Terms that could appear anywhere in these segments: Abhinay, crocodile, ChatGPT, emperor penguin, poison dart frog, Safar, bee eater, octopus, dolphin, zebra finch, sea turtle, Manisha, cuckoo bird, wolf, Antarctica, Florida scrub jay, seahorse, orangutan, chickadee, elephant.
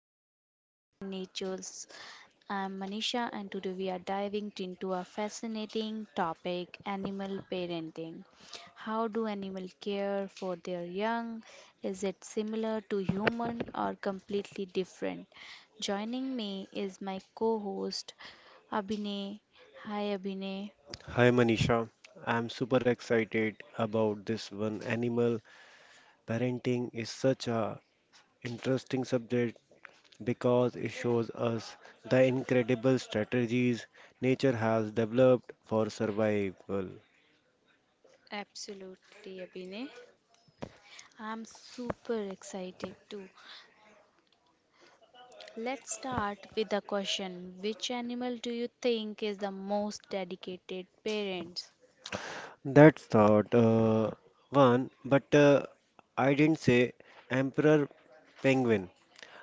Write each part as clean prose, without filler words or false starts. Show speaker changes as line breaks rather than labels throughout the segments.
to Nature and Natures. I'm Manisha and today we are diving into a fascinating topic, animal parenting. How do animals care for their young? Is it similar to human or completely different? Joining me is my co-host Abhinay. Hi Abhinay.
Hi Manisha, I'm super excited about this one. Animal parenting is such a interesting subject because it shows us the incredible strategies nature has developed for survival.
Absolutely, Abhinay. I'm super excited too. Let's start with the question: Which animal do you think is the most dedicated parents?
That's thought one, but I didn't say emperor penguin.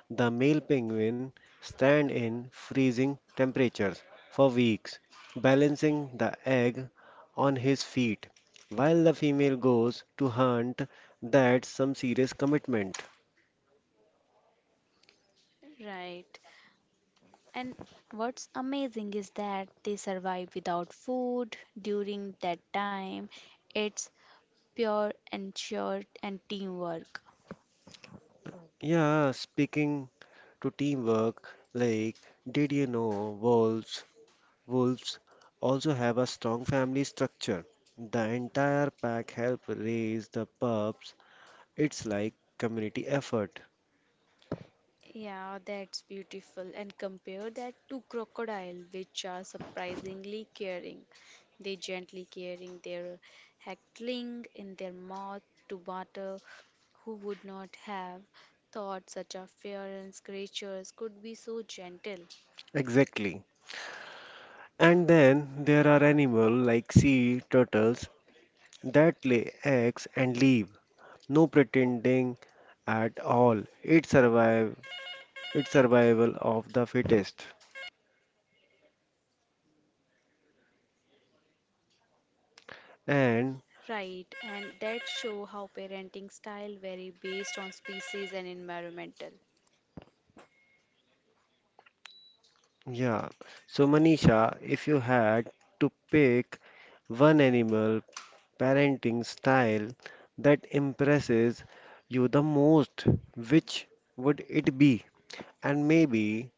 The male penguin stand in freezing temperatures for weeks, balancing the egg on his feet, while the female goes to hunt. That's some serious commitment.
Right. And what's amazing is that they survive without food during that time. It's pure and sure and teamwork.
Yeah, speaking to teamwork, like, did you know wolves? Wolves also have a strong family structure. The entire pack help raise the pups. It's like community effort.
Yeah, that's beautiful. And compare that to crocodile, which are surprisingly caring. They gently carrying their heckling in their mouth to water. Who would not have thought such a fearless creatures could be so gentle?
Exactly. And then there are animals like sea turtles that lay eggs and leave. No pretending at all. It's survival of the fittest. And
Right, and that show how parenting style vary based on species and environmental.
yeah, so Manisha, if you had to pick one animal parenting style that impresses you the most, which would it be? And maybe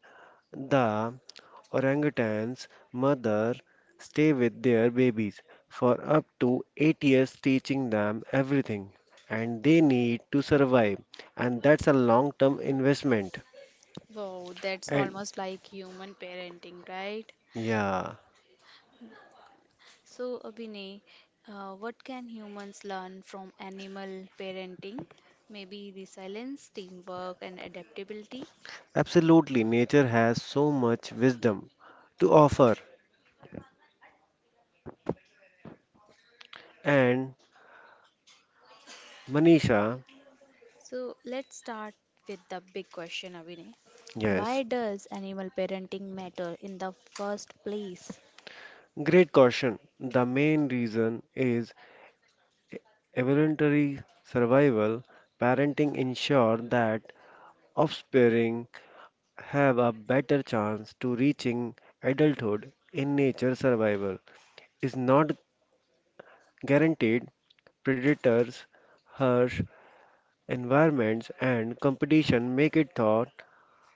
the Orangutans' mothers stay with their babies for up to 8 years teaching them everything and they need to survive and that's a long term investment
Wow, that's
and
almost like human parenting, right?
yeah
So, Abhinay, what can humans learn from animal parenting? Maybe resilience, teamwork, and adaptability.
absolutely nature has so much wisdom to offer and Manisha
So, let's start with the big question, Abhinay.
yes
Why does animal parenting matter in the first place?
great caution the main reason is evolutionary survival parenting ensure that offspring have a better chance to reaching adulthood in nature survival is not guaranteed predators harsh environments and competition make it thought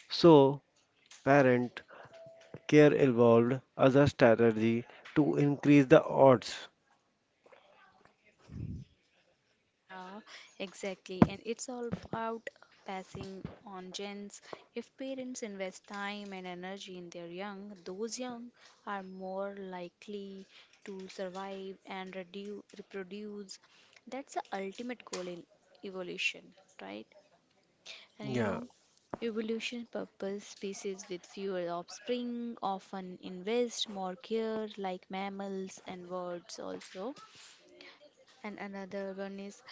so parent care evolved as a strategy to increase the odds
Yeah, exactly. And it's all about passing on genes. If parents invest time and energy in their young, those young are more likely to survive and redu reproduce. That's the ultimate goal in evolution, right? And
yeah
evolution purpose species with fewer offspring often invest more care, like mammals and birds also. And another one is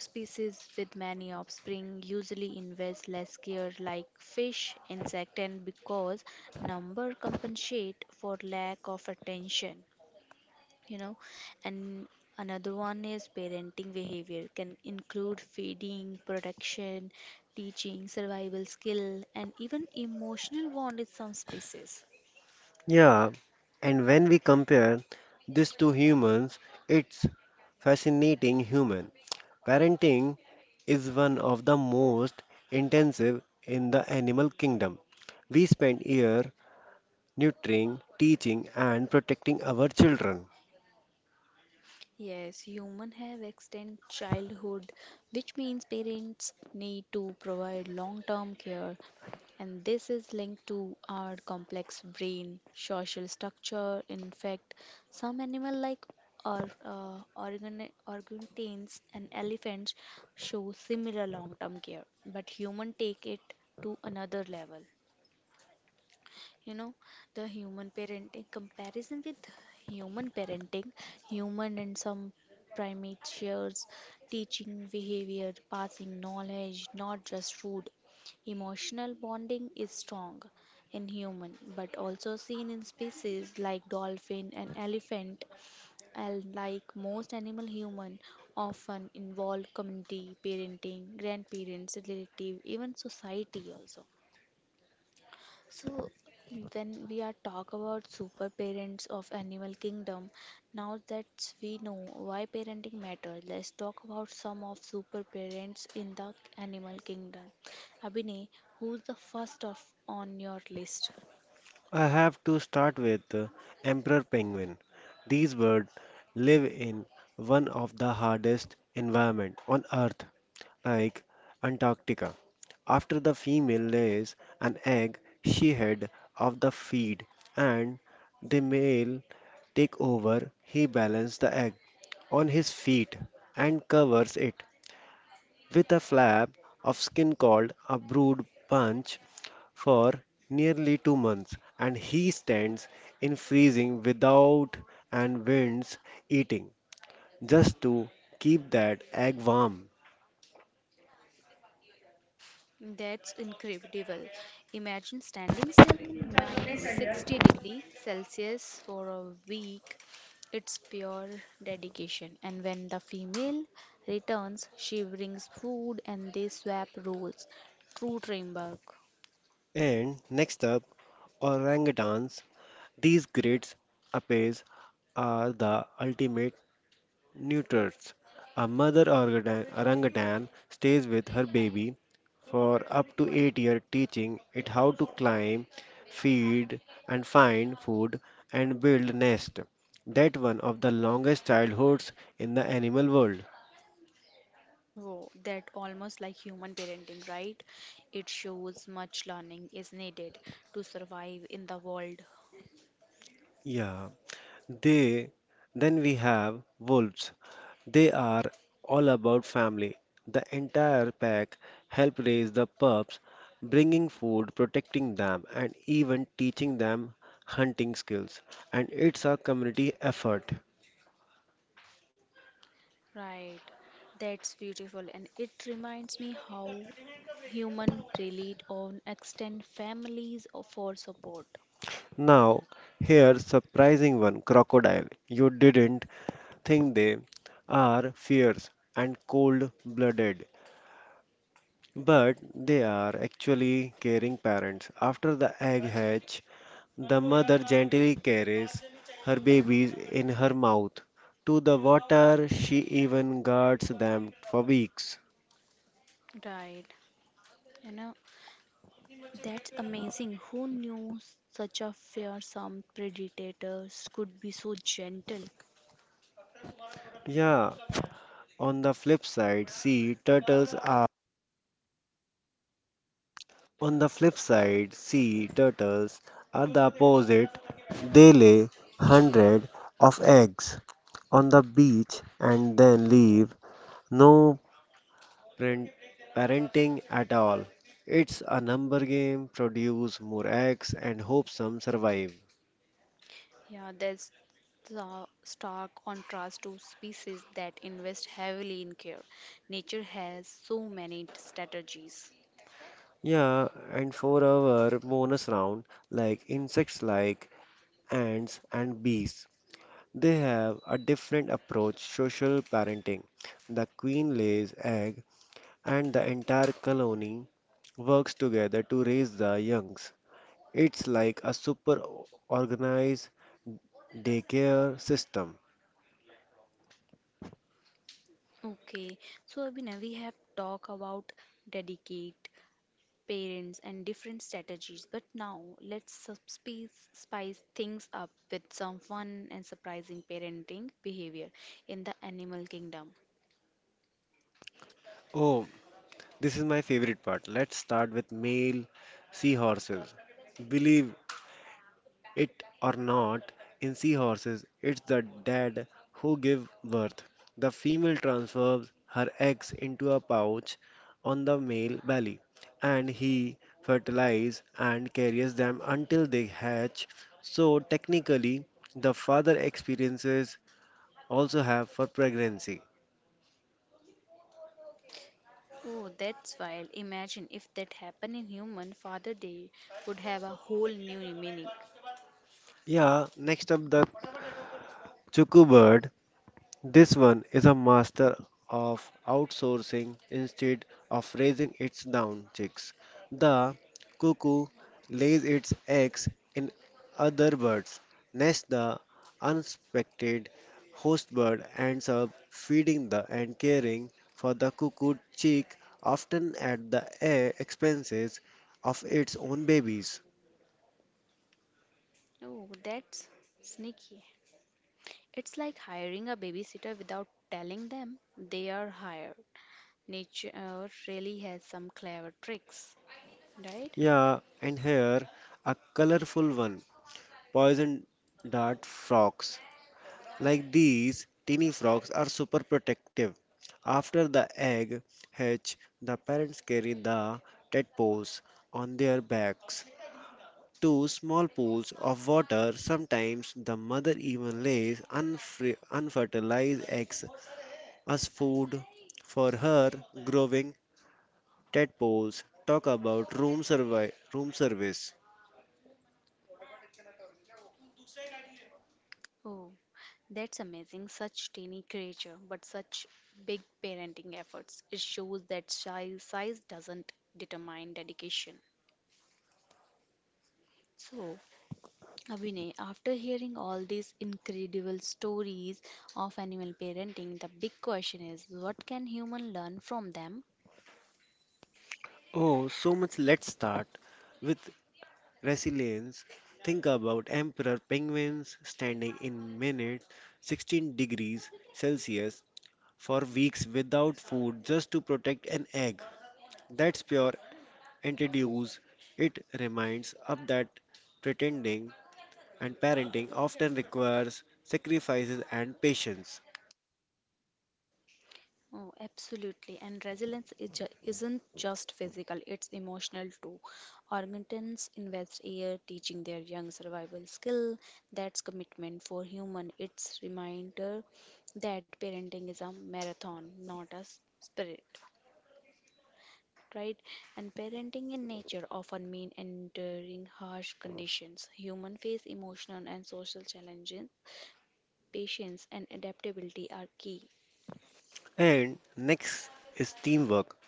species with many offspring usually invest less care like fish, insect and because number compensate for lack of attention, you know. And another one is parenting behavior can include feeding, protection, teaching, survival skill and even emotional bond in some species.
yeah and when we compare this to humans it's fascinating human parenting is one of the most intensive in the animal kingdom. We spend years nurturing, teaching, and protecting our children.
Yes, human have extended childhood, which means parents need to provide long-term care, and this is linked to our complex brain, social structure. In fact, some animal like or organ orangutans and elephants show similar long-term care, but human take it to another level. you know the human parenting comparison with human parenting, human and some primate shares teaching behavior, passing knowledge, not just food. Emotional bonding is strong in human, but also seen in species like dolphin and elephant, and like most animal, human often involve community parenting, grandparents, relative, even society also. So when we are talk about super parents of animal kingdom, now that we know why parenting matters, let's talk about some of super parents in the animal kingdom. Abhinay, who's the first of on your list?
I have to start with the emperor penguin. These birds live in one of the hardest environments on Earth, like Antarctica. After the female lays an egg, she head of the feed, and the male take over. He balances the egg on his feet and covers it with a flap of skin called a brood punch for nearly 2 months, and he stands in freezing without and winds eating just to keep that egg warm.
That's incredible. Imagine standing still in minus 60 degree Celsius for a week. It's pure dedication. And when the female returns, she brings food and they swap roles. True teamwork.
And next up, orangutans. These great apes are the ultimate Neuters. A mother orangutan stays with her baby for up to 8 years, teaching it how to climb, feed, and find food and build nest. That one of the longest childhoods in the animal world.
Oh, that almost like human parenting, right? It shows much learning is needed to survive in the world.
Yeah. They then we have wolves. They are all about family. The entire pack help raise the pups, bringing food, protecting them, and even teaching them hunting skills. And it's a community effort.
Right, that's beautiful, and it reminds me how human rely on extended families for support.
Now, here's surprising one, crocodile. You didn't think they are fierce and cold-blooded, but they are actually caring parents. After the egg hatch, the mother gently carries her babies in her mouth to the water. She even guards them for weeks.
Right, you know that's amazing. Who knew such a fearsome predators could be so gentle?
Yeah, on the flip side, sea turtles are on the flip side, sea turtles are the opposite. They lay hundred of eggs on the beach and then leave. No parent, parenting at all. It's a number game, produce more eggs and hope some survive.
Yeah, that's the stark contrast to species that invest heavily in care. Nature has so many strategies.
Yeah, and for our bonus round, like insects like ants and bees, they have a different approach social parenting. The queen lays egg and the entire colony works together to raise the youngs. It's like a super organized daycare system.
Okay, so Abhinav, we have talked about dedicate parents, and different strategies. But now let's spice things up with some fun and surprising parenting behavior in the animal kingdom.
Oh, this is my favorite part. Let's start with male seahorses. Believe it or not, in seahorses, it's the dad who give birth. The female transfers her eggs into a pouch on the male belly, and he fertilizes and carries them until they hatch. So technically, the father experiences also have for pregnancy.
Oh, that's wild. Imagine if that happened in human, Father Day would have a whole new meaning.
Yeah, next up the cuckoo bird. This one is a master of outsourcing instead of raising its down chicks. The cuckoo lays its eggs in other birds, nests the unsuspected host bird ends up feeding the and caring for the cuckoo chick often at the expenses of its own babies.
Oh, that's sneaky. It's like hiring a babysitter without telling them they are hired. Nature really has some clever tricks, right?
Yeah, and here a colorful one, poison dart frog. Like these, teeny frogs are super protective. After the egg hatch, the parents carry the tadpoles on their backs to small pools of water. Sometimes the mother even lays unfertilized eggs as food for her growing tadpoles. Talk about room service.
Oh, that's amazing. Such tiny creature, but such big parenting efforts. It shows that size doesn't determine dedication. So, Abhinay, after hearing all these incredible stories of animal parenting, the big question is what can human learn from them?
Oh, so much. Let's start with resilience. Think about emperor penguins standing in minute 16 degrees Celsius for weeks without food just to protect an egg. That's pure antideuse. It reminds us that pretending and parenting often requires sacrifices and patience.
Oh, absolutely. And resilience is isn't just physical, it's emotional too. Orangutans invest year teaching their young survival skill. That's commitment for human. It's reminder that parenting is a marathon, not a sprint. Right? And parenting in nature often mean enduring harsh conditions. Human face emotional and social challenges. Patience and adaptability are key.
And next is teamwork.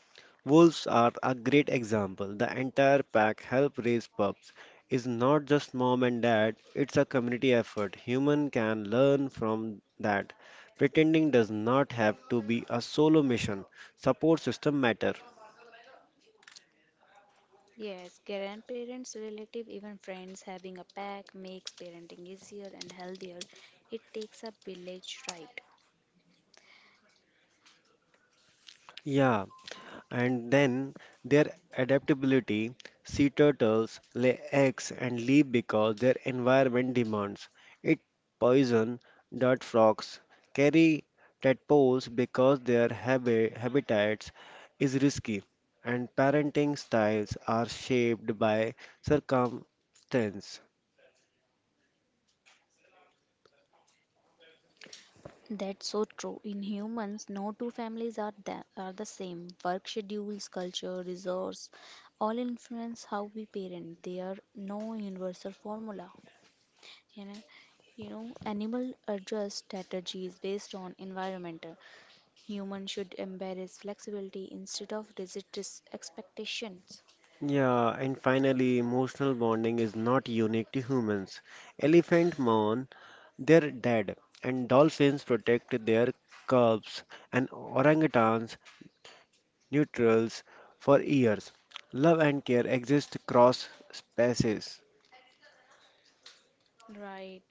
Wolves are a great example. The entire pack help raise pups. It's not just mom and dad, it's a community effort. Human can learn from that. Pretending does not have to be a solo mission. Support system matter.
Yes, grandparents, relative, even friends having a pack makes parenting easier and healthier. It takes a village, right?
Yeah, and then their adaptability sea turtles lay eggs and leave because their environment demands it. Poison dart frogs carry tadpoles because their habitats is risky, and parenting styles are shaped by circumstance.
That's so true. In humans, no two families are the same. Work schedules, culture, resource, all influence how we parent. There are no universal formula. You know, animal adjust strategies based on environmental. Humans should embrace flexibility instead of rigid expectations.
Yeah, and finally, emotional bonding is not unique to humans. Elephant mourn they're dead, and dolphins protect their cubs and orangutans neutrals for years. Love and care exist across species.
Right.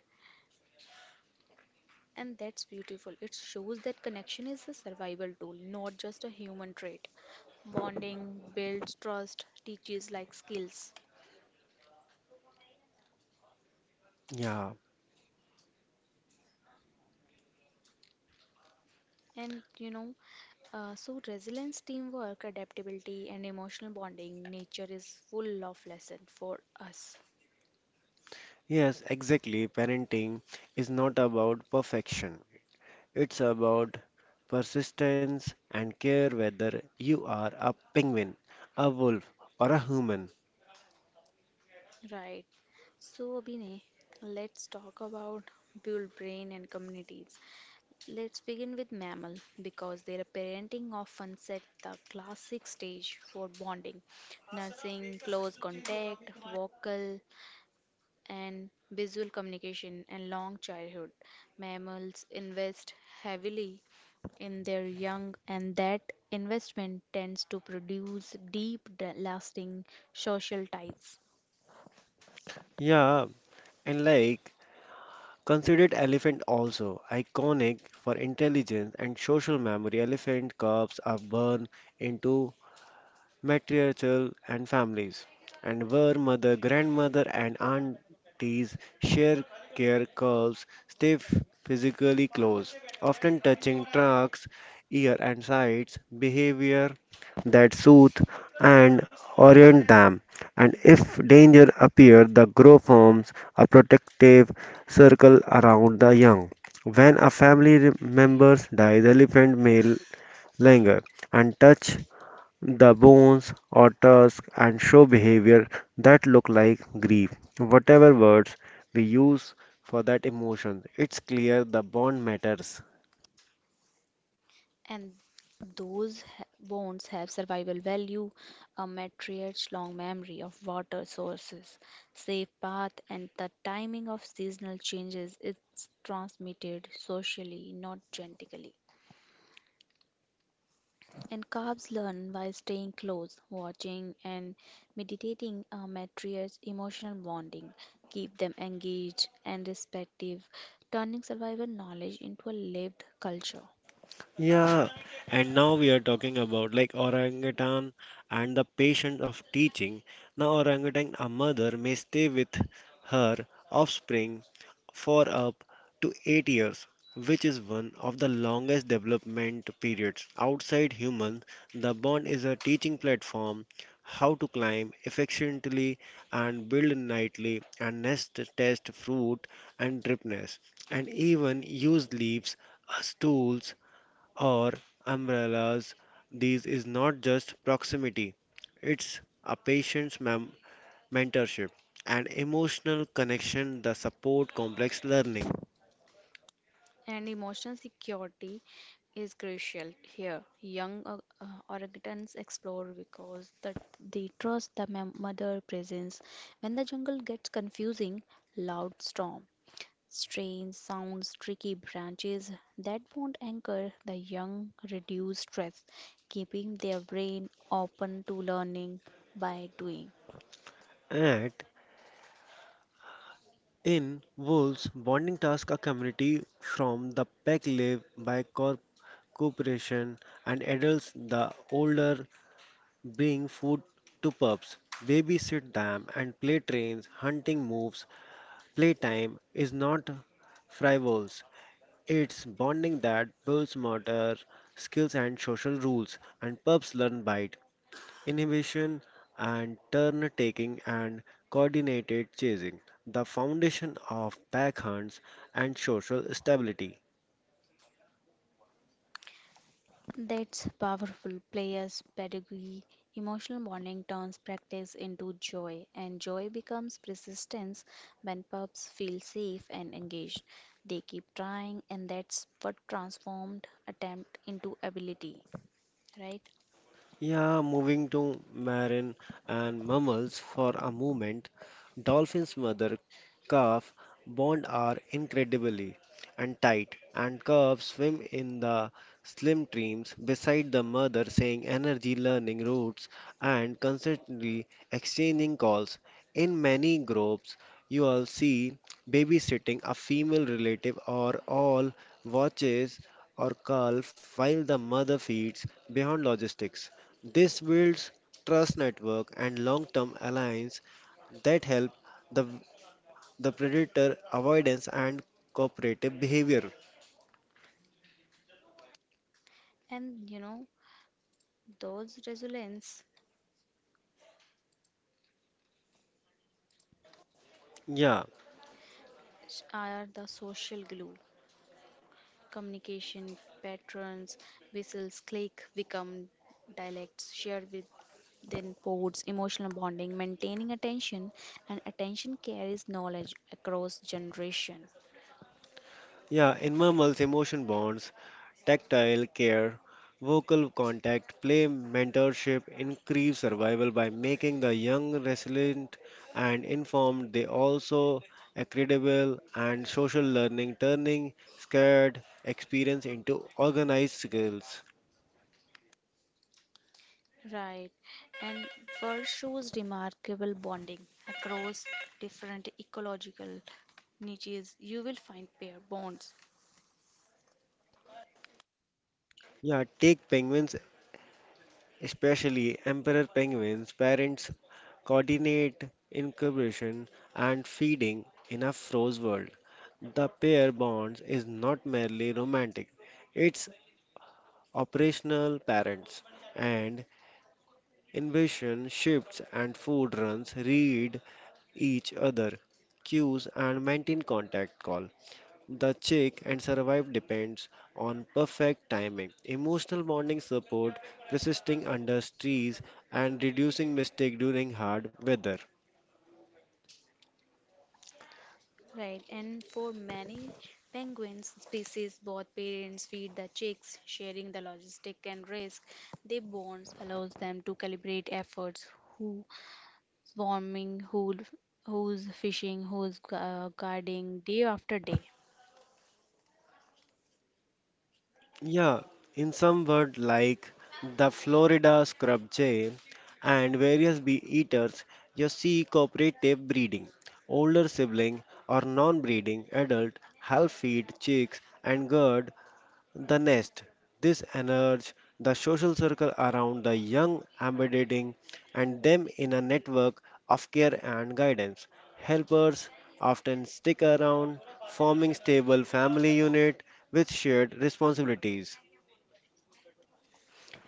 And that's beautiful. It shows that connection is a survival tool, not just a human trait. Bonding builds trust, teaches like skills.
Yeah.
And so resilience, teamwork, adaptability, and emotional bonding, nature is full of lesson for us.
Yes, exactly. Parenting is not about perfection. It's about persistence and care whether you are a penguin, a wolf, or a human.
Right. So, Abhinay, let's talk about build brain and communities. Let's begin with mammal because their parenting often set the classic stage for bonding, nursing, close contact, vocal and visual communication, and long childhood. Mammals invest heavily in their young, and that investment tends to produce deep, lasting social ties.
Yeah, and like considered elephant also iconic for intelligence and social memory. Elephant cubs are born into matriarchal and families, and where mother, grandmother, and aunties share care calls, stay physically close, often touching trunks, ear, and sides, behavior that soothe and orient them. And if danger appears, the grow forms a protective circle around the young. When a family member dies, the elephant may linger and touch the bones or tusks and show behavior that look like grief. Whatever words we use for that emotion, it's clear the bond matters.
And those bones have survival value, a matriarch's long memory of water sources, safe path, and the timing of seasonal changes. It's transmitted socially, not genetically. And calves learn by staying close, watching, and meditating. A matriarch's emotional bonding keep them engaged and respective, turning survival knowledge into a lived culture.
Yeah, and now we are talking about like orangutan and the patience of teaching. Now, orangutan, a mother may stay with her offspring for up to 8 years, which is one of the longest development periods. Outside human, the bond is a teaching platform how to climb efficiently and build nightly and nest test fruit and drip nest and even use leaves as tools or umbrellas. This is not just proximity, it's a patient's mentorship and emotional connection that support complex learning.
And emotional security is crucial here. Young orangutans explore because that they trust the mother presence. When the jungle gets confusing, loud storm, strange sounds, tricky branches that won't anchor the young, reduce stress, keeping their brain open to learning by doing.
At in Wolves, bonding tasks a community from the pack live by cooperation and adults the older bring food to pups, babysit them and play trains, hunting moves, playtime is not frivolous. It's bonding that builds motor skills and social rules, and pups learn bite, inhibition, and turn taking and coordinated chasing, the foundation of pack hunts and social stability.
That's powerful. Players, pedagogy, emotional bonding turns practice into joy, and joy becomes persistence when pups feel safe and engaged. They keep trying, and that's what transformed attempt into ability, right?
Yeah, moving to marine and mammals for a moment, dolphins' mother calf bond are incredibly and tight, and calves swim in the slim streams beside the mother, saying energy, learning routes, and constantly exchanging calls. In many groups, you all see babysitting a female relative or all watches or calf while the mother feeds beyond logistics. This builds trust network and long-term alliance that help the the predator avoidance and cooperative behavior.
And those resilience
Yeah,
are the social glue. Communication patterns, whistles, click, become dialects shared with. Then, pods, emotional bonding, maintaining attention, and attention carries knowledge across generation.
yeah, in mammals, emotion bonds, tactile care, vocal contact, play mentorship increase survival by making the young resilient and informed. They also accreditable and social learning, turning scared experience into organized skills.
Right, and fur shows remarkable bonding across different ecological niches. You will find pair bonds.
Yeah, take penguins, especially emperor penguins. Parents coordinate incubation and feeding in a froze world. The pair bonds is not merely romantic, it's operational parents. And invasion shifts and food runs read each other cues and maintain contact call. The check and survive depends on perfect timing, emotional bonding support, resisting under stress, and reducing mistake during hard weather.
Right, and for many penguins species, both parents feed the chicks, sharing the logistic and risk. Their bonds allows them to calibrate efforts, who swarming, who's fishing, who's guarding day after day.
Yeah, in some word like the Florida scrub jay and various bee eaters, you see cooperative breeding. Older sibling or non-breeding adult help feed chicks and guard the nest. This energy, the social circle around the young, embedding and them in a network of care and guidance. Helpers often stick around, forming stable family unit with shared responsibilities.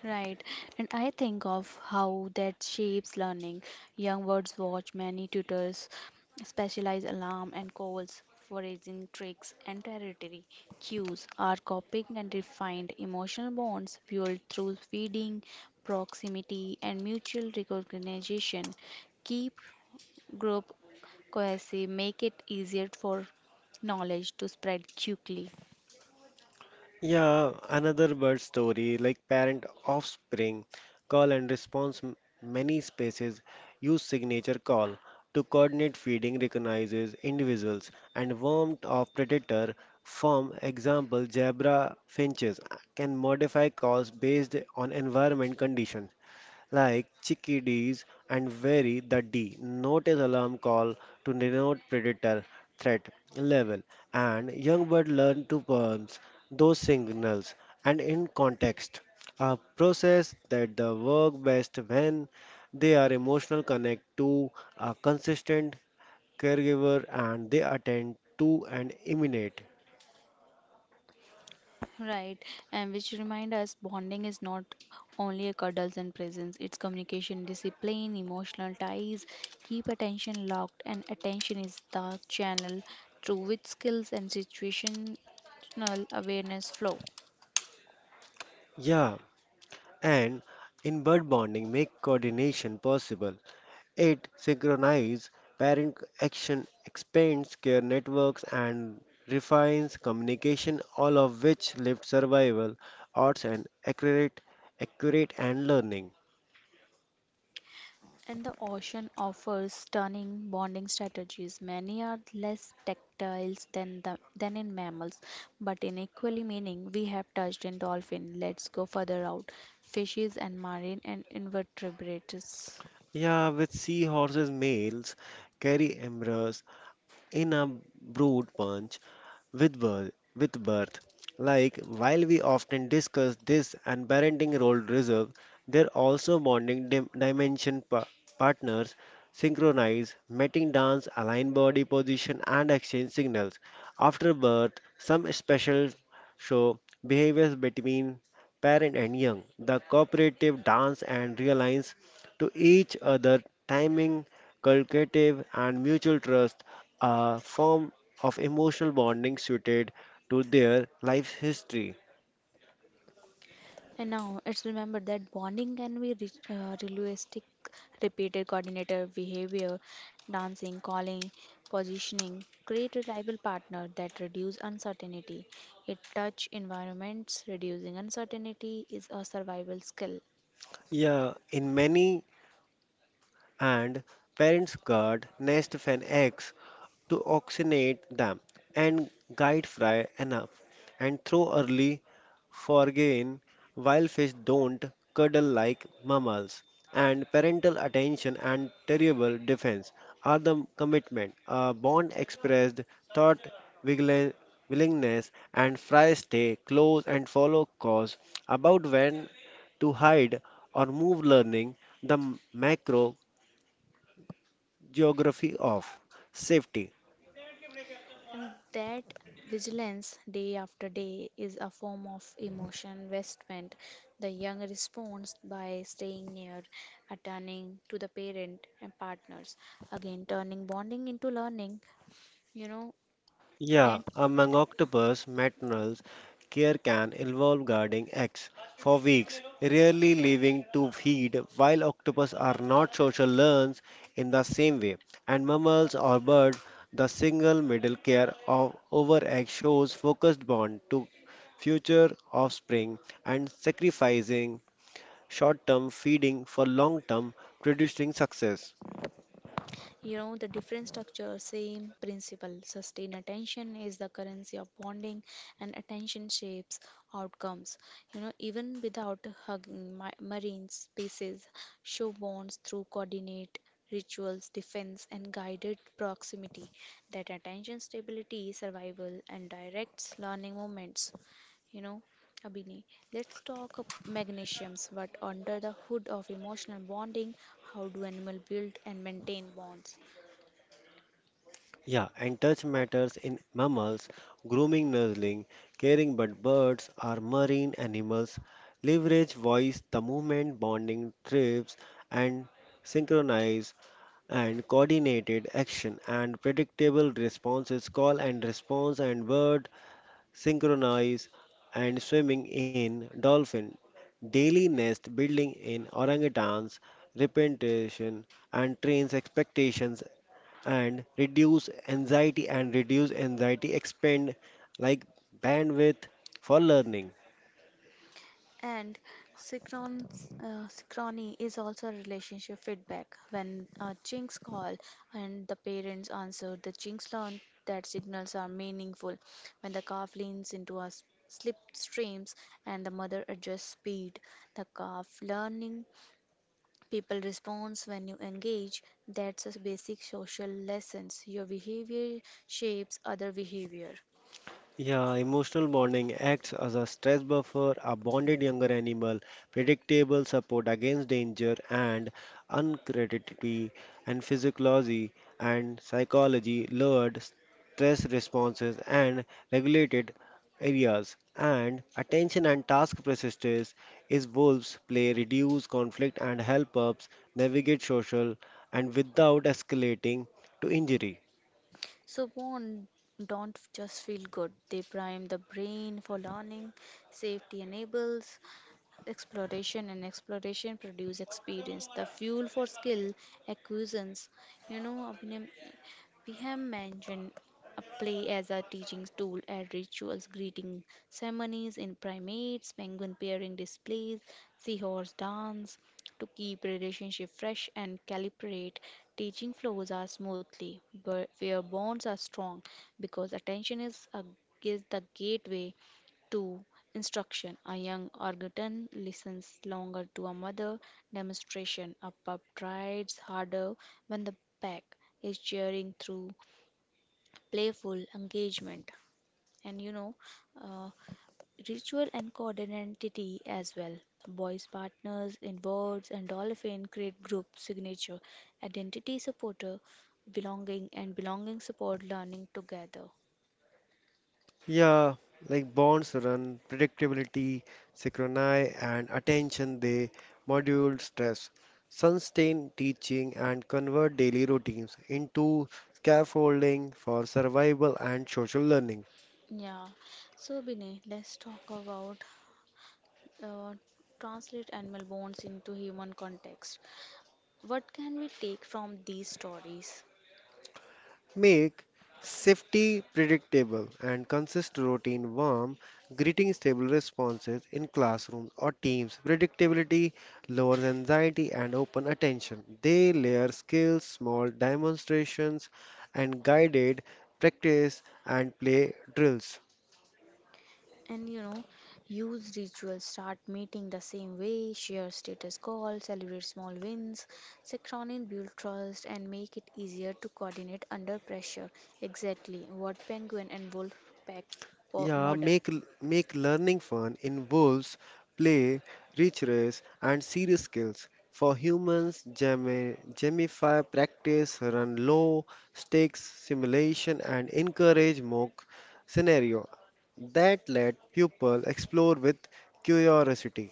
Right, and I think of how that shapes learning. Young birds watch many tutors, specialized alarm and calls, foraging tricks, and territory cues are copying and refined emotional bonds fueled through feeding, proximity, and mutual recognition. Keep group cohesive, make it easier for knowledge to spread quickly.
Yeah, another bird story like parent offspring call and response. Many species use signature call to coordinate feeding, recognizes individuals, and warmth of predator. For example, zebra finches can modify calls based on environment condition like chickadees and vary the D notice alarm call to denote predator threat level and young bird learn to perceive those signals and in context a process that the work best when they are emotional connect to a consistent caregiver and they attend to and imitate
Right, and which remind us bonding is not only a cuddles and presence, it's communication, discipline, emotional ties. Keep attention locked, and attention is the channel through which skills and situational awareness flow.
yeah and in bird bonding make coordination possible. It synchronizes parent action, expands care networks, and refines communication, all of which lift survival, odds, and accurate and learning.
And the ocean offers stunning bonding strategies. Many are less tactile than in mammals, but in equally meaning, we have touched in dolphin. Let's go further out. Fishes and marine and invertebrates.
Yeah, with seahorses, males carry embryos in a brood bunch, with birth, with birth. Like while we often discuss this and parenting role reserve, there also bonding dimension partners synchronize, mating dance, align body position and exchange signals. After birth, some special show behaviors between parent and young. The cooperative dance and realigns to each other timing, calculative and mutual trust are formed of emotional bonding suited to their life history.
And now it's remembered that bonding can be realistic, repeated coordinator behavior, dancing, calling, positioning, create reliable partner that reduce uncertainty. It touch environments, reducing uncertainty is a survival skill.
Yeah, in many and parents guard nest of an egg to oxygenate them and guide fry enough and throw early foraging while fish don't cuddle like mammals and parental attention and terrible defense are the commitment a bond expressed thought wiggle- willingness and fry stay close and follow cause about when to hide or move learning the macro geography of safety.
And that vigilance day after day is a form of emotion investment. The young responds by staying near, uh, to the parent and partners. Again, turning bonding into learning, you know,
Yeah,
and
among octopus maternals, care can involve guarding eggs for weeks, rarely leaving to feed, while octopus are not social learns in the same way. And mammals or birds, the single middle care of over egg shows focused bond to future offspring and sacrificing short-term feeding for long-term producing success.
you know, the different structure, same principle. Sustained attention is the currency of bonding, and attention shapes outcomes. Even without hugging, marine species show bonds through coordinate rituals, defense, and guided proximity. That attention stability, survival, and directs learning moments. You know. Abhini, let's talk of magnesiums, but under the hood of emotional bonding, how do animals build and maintain bonds?
Yeah, and touch matters in mammals, grooming, nuzzling, caring, but birds are marine animals, leverage voice, the movement, bonding trips, and synchronize and coordinated action and predictable responses, call and response, and word synchronize and swimming in dolphin, daily nest building in orangutans, repetition and trains expectations and reduce anxiety expend like bandwidth for learning.
And synchrony is also a relationship feedback. When chinks call and the parents answer, the chinks learn that signals are meaningful. When the calf leans into a slip streams and the mother adjusts speed, the calf learning people respond when you engage. That's a basic social lessons. Your behavior shapes other behavior.
Yeah, emotional bonding acts as a stress buffer, a bonded younger animal, predictable support against danger, and uncreditability and physiology and psychology lowered stress responses and regulated areas. And attention and task persistence is wolves play reduce conflict and help us navigate social and without escalating to injury.
So bond don't just feel good. They prime the brain for learning. Safety enables exploration, and exploration produce experience, the fuel for skill acquisitions. Abhinay, we have mentioned a play as a teaching tool at rituals, greeting ceremonies in primates, penguin pairing displays, seahorse dance, to keep relationship fresh and calibrate teaching flows are smoothly, but where bonds are strong, because attention is the gateway 2. Instruction: a young orangutan listens longer to a mother demonstration. A pup tries harder when the pack is cheering through playful engagement. And uh, ritual and identity as well. Boys partners in birds and dolphin create group signature. Identity supporter, belonging and belonging support learning together.
Yeah, like bonds run predictability, synchrony, and attention. They modulate stress, sustain teaching, and convert daily routines into scaffolding for survival and social learning.
Yeah, so Binay, let's talk about uh, translate animal bonds into human context. What can we take from these stories?
Make safety predictable and consist routine warm, greeting stable responses in classrooms or teams. Predictability lowers anxiety and open attention. They layer skills, small demonstrations, and guided practice and play drills.
And use rituals, start meeting the same way, share status calls, celebrate small wins. Serotonin build trust and make it easier to coordinate under pressure. Exactly what penguin and wolf pack
Yeah,
model.
make learning fun involves play, rich race, and serious skills. For humans, gamify practice, run low stakes simulation, and encourage mock scenario that let people explore with curiosity.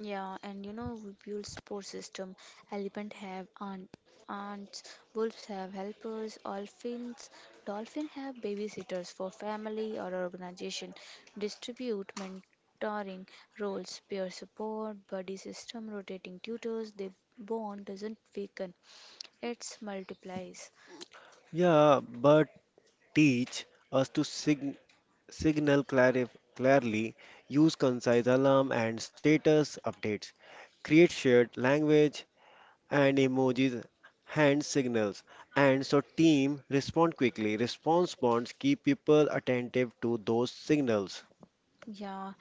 Yeah, and we build support system. Elephant have aunts, wolves have helpers, dolphin have babysitters for family or organization. Distribute mentoring roles, peer support, buddy system, rotating tutors. The bond doesn't weaken; it multiplies.
Yeah, but teach us to signal clearly, use concise alarm and status updates create shared language and emojis, hand signals, and so team respond quickly. Response bonds keep people attentive to those signals.
Yeah,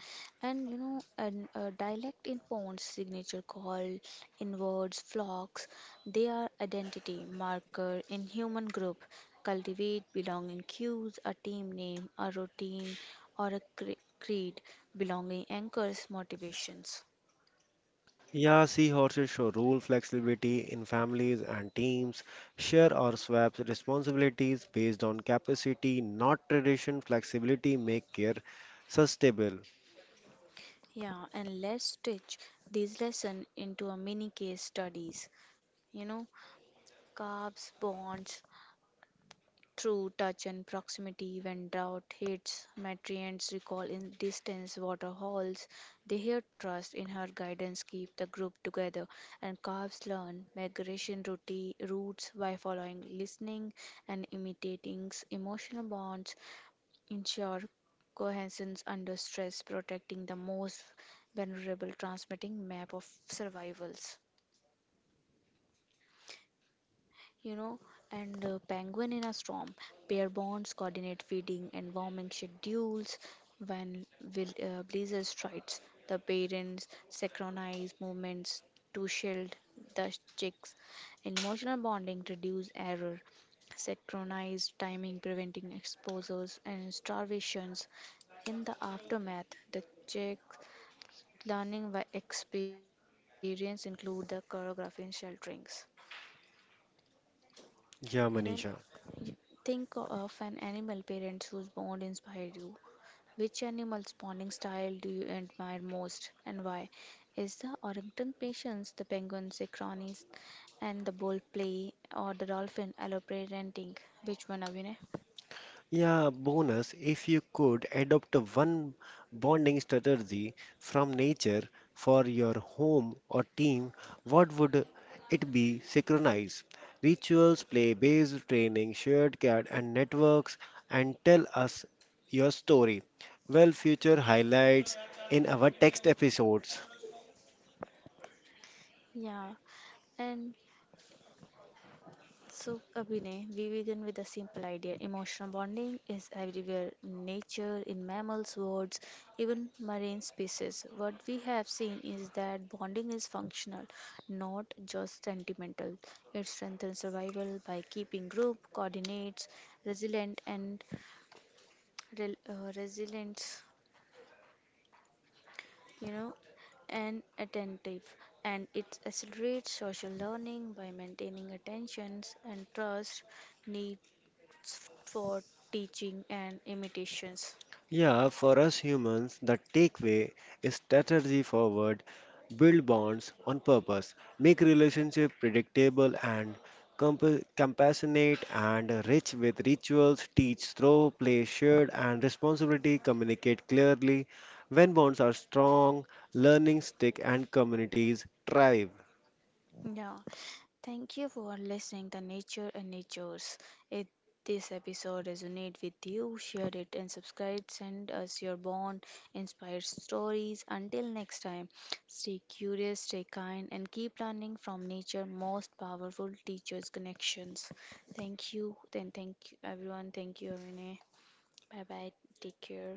and a dialect in Pond's signature call, in words, flocks, they are identity marker in human group, cultivate belonging cues, a team name, a routine, or a creed, belonging anchors, motivations.
Yeah, seahorses show rule flexibility in families and teams, share or swap responsibilities based on capacity, not tradition. Flexibility make care sustainable.
Yeah, and let's stitch these lesson into a mini case studies. You know, carbs, bonds, through touch and proximity, when drought hits, Matrians recall in distance water halls. They hear trust in her guidance keep the group together, and calves learn migration routes by following, listening, and imitating emotional bonds, ensure cohesion under stress, protecting the most vulnerable, transmitting map of survivals. you know, and penguin in a storm. Pair bonds coordinate feeding and warming schedules. When will, blizzard strikes, the parents synchronize movements to shield the chicks. Emotional bonding reduce error, synchronized timing preventing exposures and starvations. In the aftermath, the chicks learning by experience include the choreography and shelterings.
Yeah,
You know,
Manisha.
Y- Think of an animal parents whose bond inspired you. Which animal's bonding style do you admire most and why? Is the orangutan patience, the penguin synchronist, and the bull play, or the dolphin alloparenting? Which one, Abhinay?
Yeah, bonus if you could adopt one bonding strategy from nature for your home or team, what would it be? Synchronize rituals, play-based training, shared care and networks, and tell us your story. Well, future highlights in our text episodes.
Yeah, and So, Abhinay, we begin with a simple idea. Emotional bonding is everywhere in nature, in mammals, birds, even marine species. What we have seen is that bonding is functional, not just sentimental. It strengthens survival by keeping group, coordinates, resilient, and resilient, you know, and attentive, and it accelerates social learning by maintaining attentions and trust need for teaching and imitations.
Yeah, for us humans, the takeaway is strategy forward, build bonds on purpose, make relationship predictable and compassionate and rich with rituals, teach through play shared and responsibility, communicate clearly. When bonds are strong, learning stick and communities thrive.
Yeah. Thank you for listening to Nature and Natures. If this episode resonates with you, share it and subscribe. Send us your bond, inspired stories. Until next time, stay curious, stay kind, and keep learning from nature most powerful teachers connections. Thank you. Then thank you everyone. Thank you, Avine. Bye bye. Take care.